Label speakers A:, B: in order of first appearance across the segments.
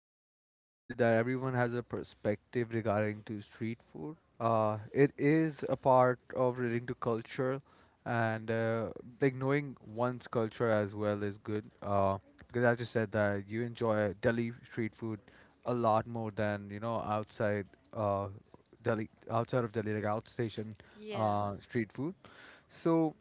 A: totally agree with you that everyone has a perspective regarding to street food. It is a part of relating to culture, and like knowing one's culture as well is good. Because as you said that you enjoy Delhi street food a lot more than outside uh, Delhi, outside of Delhi, like outstation
B: Yeah.
A: street food. So.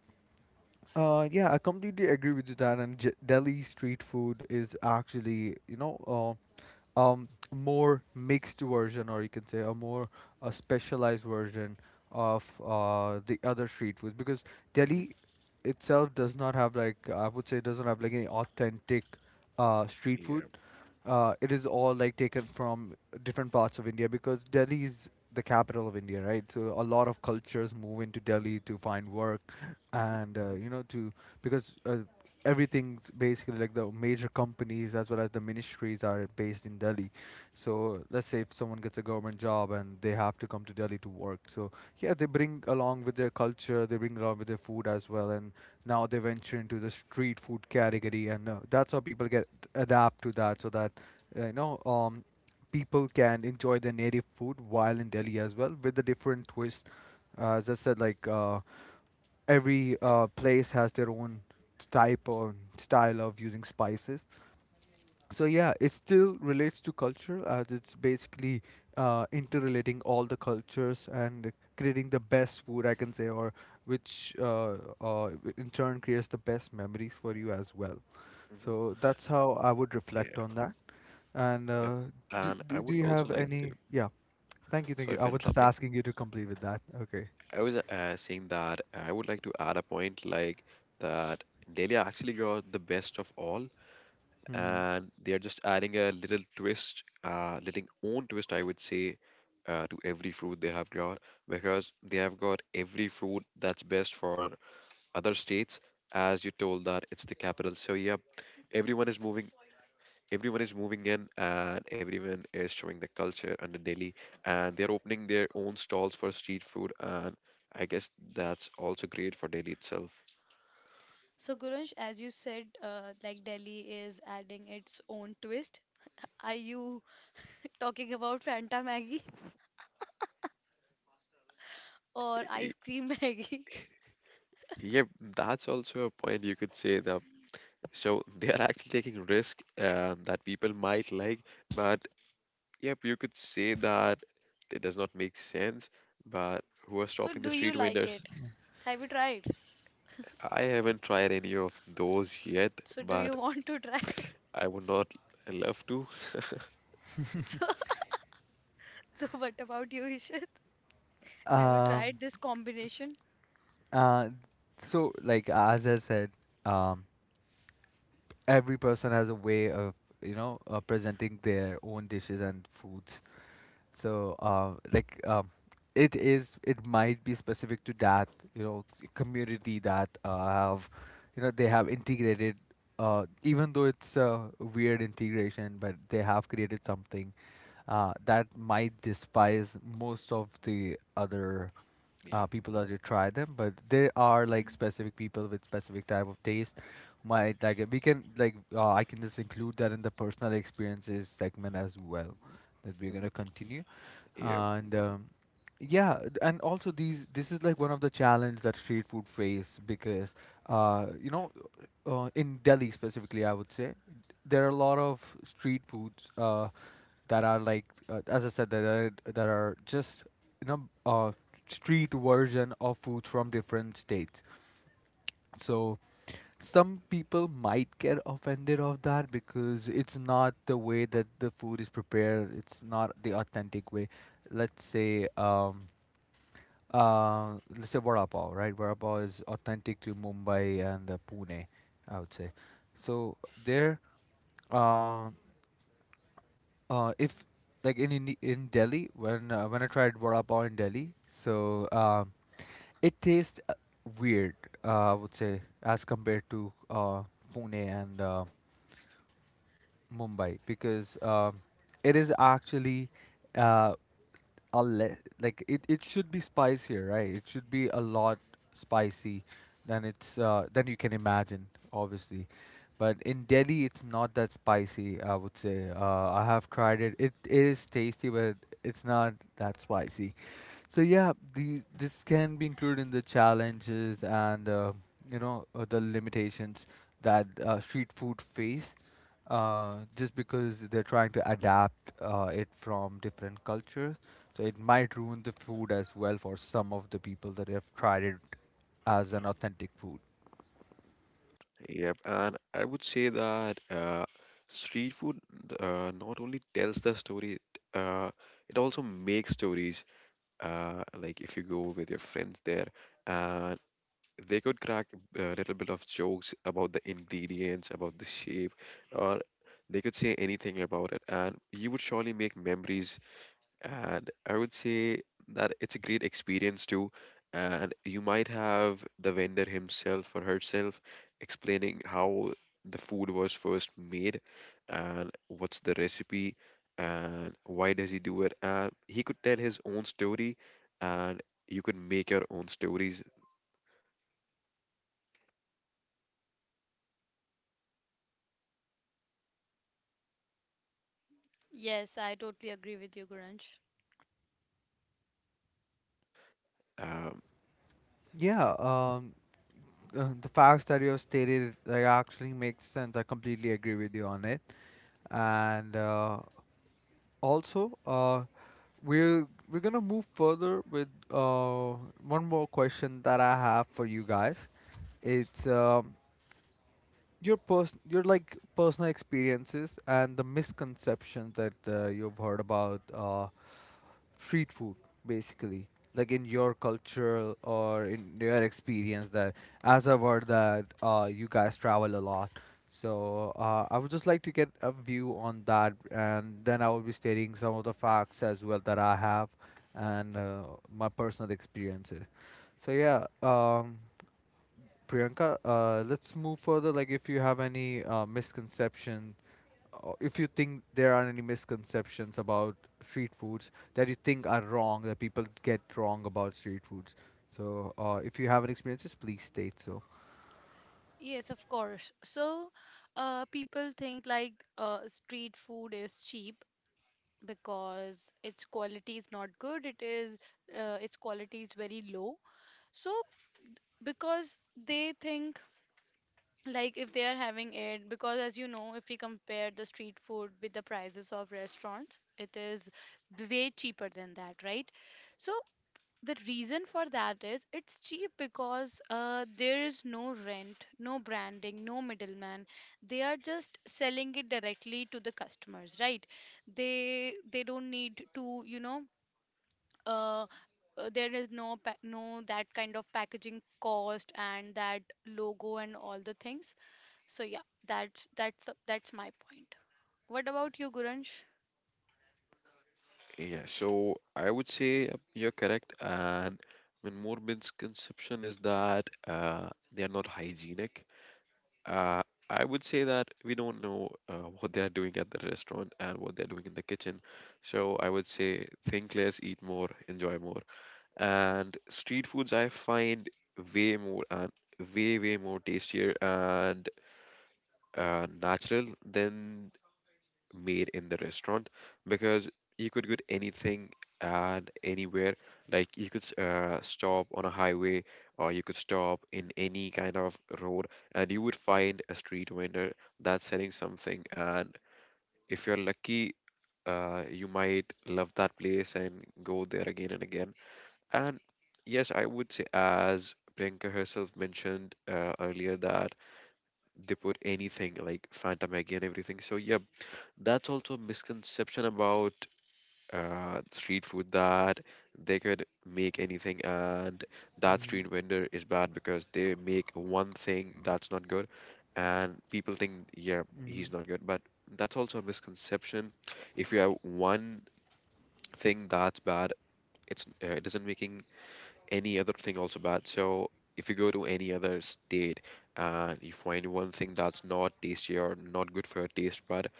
A: Yeah, I completely agree with you that, and Delhi street food is actually, more mixed version, or you can say a more specialized version of the other street foods because
C: hmm
A: Delhi itself does not have like I would say doesn't have like any authentic street food.
C: Yeah.
A: It is all like taken from different parts of India because Delhi is the capital of India, right? So a lot of cultures move into Delhi to find work
C: hmm
A: and you know to because everything's basically like the major companies as well as the ministries are based in Delhi. So let's say if someone gets a government job and they have to come to Delhi to work. So yeah, they bring along with their culture, they bring along with their food as well, and now they venture into the street food category, and that's how people get adapt to that, so that uh, you know um, people can enjoy their native food while in Delhi as well with the different twist. As I said, like, every place has their own type or style of using spices. So yeah, it still relates to culture as it's basically interrelating all the cultures and creating the best food I can say, or which uh, in turn creates the best memories for you as well.
C: hmm
A: So that's how I would
C: Yeah.
A: reflect on that. And
C: Yep.
A: do,
C: And I
A: do do
C: would
A: you
C: also
A: have
C: like to,
A: any? Yeah, thank you, thank
C: sorry
A: you. I
C: for
A: was just
C: interrupting.
A: asking you to complete with that. Okay.
C: I was saying that I would like to add a point like that Delhi actually got the best of all,
A: Hmm.
C: and they are just adding a little twist, little own twist, I would say, to every fruit they have got because they have got every fruit that's best for other states. As you told that it's the capital, so yep, everyone is moving everyone is moving in and everyone is showing the culture under Delhi and they're opening their own stalls for street food and I guess that's also great for Delhi itself.
B: So, Gurunsh, as you said, like Delhi is adding its own twist. Are you talking about Fanta Maggie or ice
C: Y-
B: cream Maggie?
C: Yeah, that's also a point you could say that so they are actually taking risk and that people might like, but yep, you could say that it does not make sense, but who are
B: So,
C: stopping the
B: do you
C: street
B: like
C: vendors?
B: it? Have you tried?
C: I haven't tried any of those yet,
B: So, do you
C: but
B: want to try it?
C: I would not love to.
B: So, so what about you, Ishit? Have you
A: Um.
B: tried this combination?
A: Uh, so like as I said, um, every person has a way of presenting their own dishes and foods. So it might be specific to that community that have they have integrated, even though it's a weird integration, but they have created something that might despise most of the other
C: Yeah.
A: people that you try them, but there are like
B: Mhm.
A: specific people with specific type of taste who might like it. We can like I can just include that in the personal experiences segment as well
C: Mhm,
A: that we're going
C: mhm.
A: to continue.
C: Yep,
A: And Yeah, and also these this is like one of the challenge that street food face, because uh you know in Delhi specifically, I would say there are a lot of street foods that are like as I said that are just you know uh street version of foods from different states. So some people might get offended of that because it's not the way that the food is prepared. It's not the authentic way. Let's say um let's say vada pav, right? Vada pav is authentic to Mumbai and Pune, I would say. So there, uh, if like in Delhi, when I tried vada pav in Delhi, so it tastes weird, I would say, as compared to Pune and Mumbai, because it is actually uh, a le- like it should be spicier, right? It should be a lot spicy than you can imagine, obviously. But in Delhi, it's not that spicy. I would say I have tried it. It is tasty, but it's not that spicy. So yeah, these this can be included in the challenges, and the limitations that street food face, just because they're trying to adapt it from different cultures. So it might ruin the food as well for some of the people that have tried it as an authentic food.
C: yep. And I would say that street food not only tells the story, uh, it also makes stories. Like if you go with your friends there, and they could crack a little bit of jokes about the ingredients, about the shape, or they could say anything about it, and you would surely make memories. And I would say that it's a great experience too. And you might have the vendor himself or herself explaining how the food was first made and what's the recipe and why does he do it. And he could tell his own story and you could make your own stories.
B: Yes, I totally agree with you, Gurunsh.
C: Um,
A: Yeah,
C: yep.
A: the facts that you have stated like actually makes sense. I completely agree with you on it, and also, we're gonna move further with one more question that I have for you guys. It's your your like personal experiences and the misconceptions that you've heard about street food, basically, like in your culture or in your experience. That, as I've heard, that you guys travel a lot, so I would just like to get a view on that, and then I will be stating some of the facts as well that I have, and my personal experiences. So yeah, Priyanka, let's move further. Like, if you have any misconception, or if you think there are any misconceptions about street foods that you think are wrong, that people get wrong about street foods. So, if you have any experiences, please state so.
B: Yes, of course. So, people think like street food is cheap, because its quality is not good. It is its quality is very low, so because they think, like, if they are having it, because as you know, if we compare the street food with the prices of restaurants, it is way cheaper than that, right? So the reason for that is it's cheap because there is no rent, no branding, no middleman. They are just selling it directly to the customers, right? They don't need to, you know, uh, there is no no that kind of packaging cost and that logo and all the things. So yeah, that's my point. What about you, Guransh?
C: Yeah, so I would say you're correct. And one more misconception is that they are not hygienic. Uh, I would say that we don't know what they are doing at the restaurant and what they're doing in the kitchen. So I would say think less, eat more, enjoy more. And street foods I find way more and way, way more tastier and natural than made in the restaurant because you could get anything and anywhere. Like you could stop on a highway or you could stop in any kind of road and you would find a street vendor that's selling something. And if you're lucky, you might love that place and go there again and again. And yes, I would say, as Priyanka herself mentioned earlier, that they put anything like Fanta Maggi and everything. So, yeah, that's also a misconception about street food that they could make anything and that
A: Mm-hmm.
C: street vendor is bad because they make one thing that's not good and people think yeah
A: Mm-hmm.
C: he's not good but that's also a misconception. If you have one thing that's bad, it isn't making any other thing also bad. So if you go to any other state and you find one thing that's not tasty or not good for your taste bud,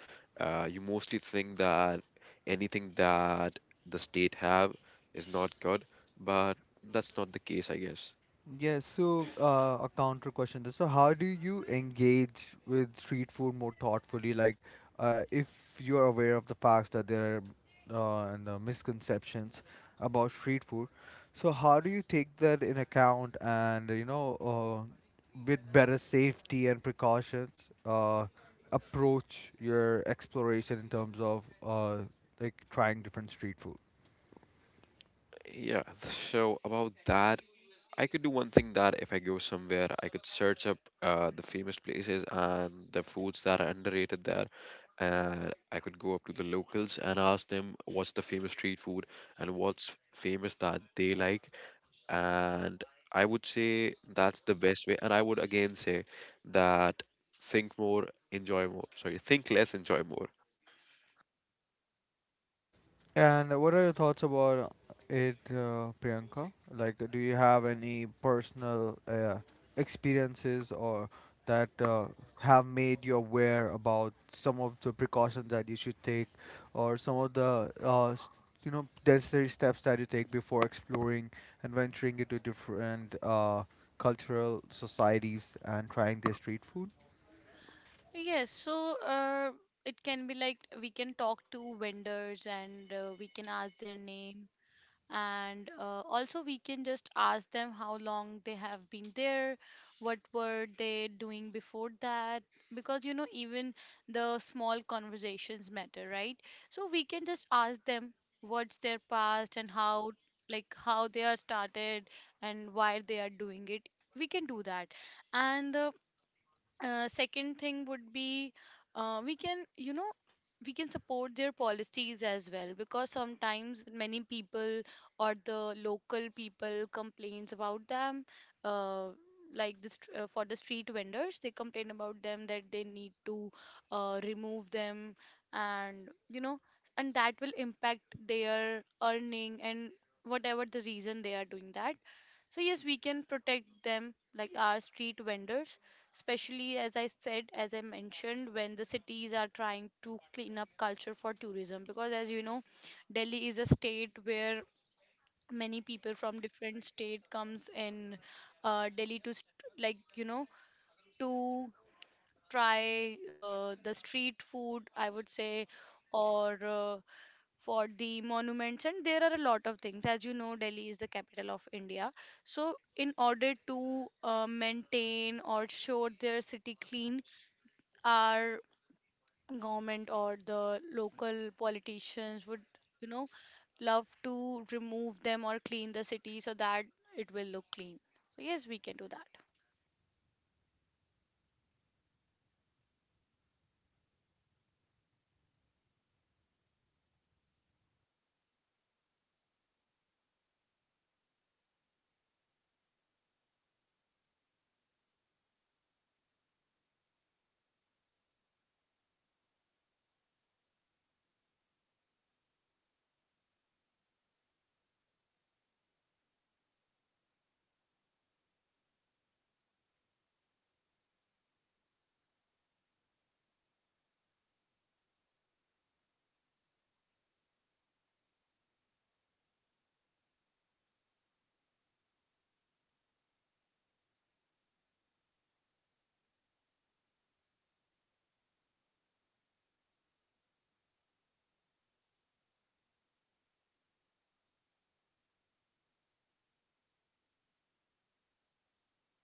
C: you mostly think that anything that the state have is not good, but that's not the case, I guess.
A: Yes, so a counter question there. So, how do you engage with street food more thoughtfully? Like, if you're aware of the facts that there are misconceptions about street food, so how do you take that in account, and with better safety and precautions, uh, approach your exploration in terms of like trying different street food?
C: Yeah, so about that, I could do one thing that if I go somewhere, I could search up the famous places and the foods that are underrated there. And I could go up to the locals and ask them what's the famous street food and what's famous that they like. And I would say that's the best way. And I would again say that think more, enjoy more. Sorry, think less, enjoy more.
A: And what are your thoughts about it, Priyanka? Like, do you have any personal experiences, or that have made you aware about some of the precautions that you should take, or some of the necessary steps that you take before exploring and venturing into different cultural societies and trying their street food?
B: Yes, so it can be like we can talk to vendors and we can ask their name, and also we can just ask them how long they have been there, what were they doing before that, because you know, even the small conversations matter, right? So we can just ask them what's their past and how, like, how they are started and why they are doing it. We can do that. And the second thing would be, we can, you know, we can support their policies as well, because sometimes many people or the local people complains about them. uh, like this, for the street vendors, they complain about them that they need to remove them, and you know, and that will impact their earning and whatever the reason they are doing that. So yes, we can protect them, like our street vendors, especially as I said, as I mentioned, when the cities are trying to clean up culture for tourism. Because as you know, Delhi is a state where many people from different state comes in Delhi to like, you know, to try the street food, I would say, or for the monuments, and there are a lot of things. As you know, Delhi is the capital of India, so in order to maintain or show their city clean, our government or the local politicians would, you know, love to remove them or clean the city so that it will look clean. So yes, we can do that.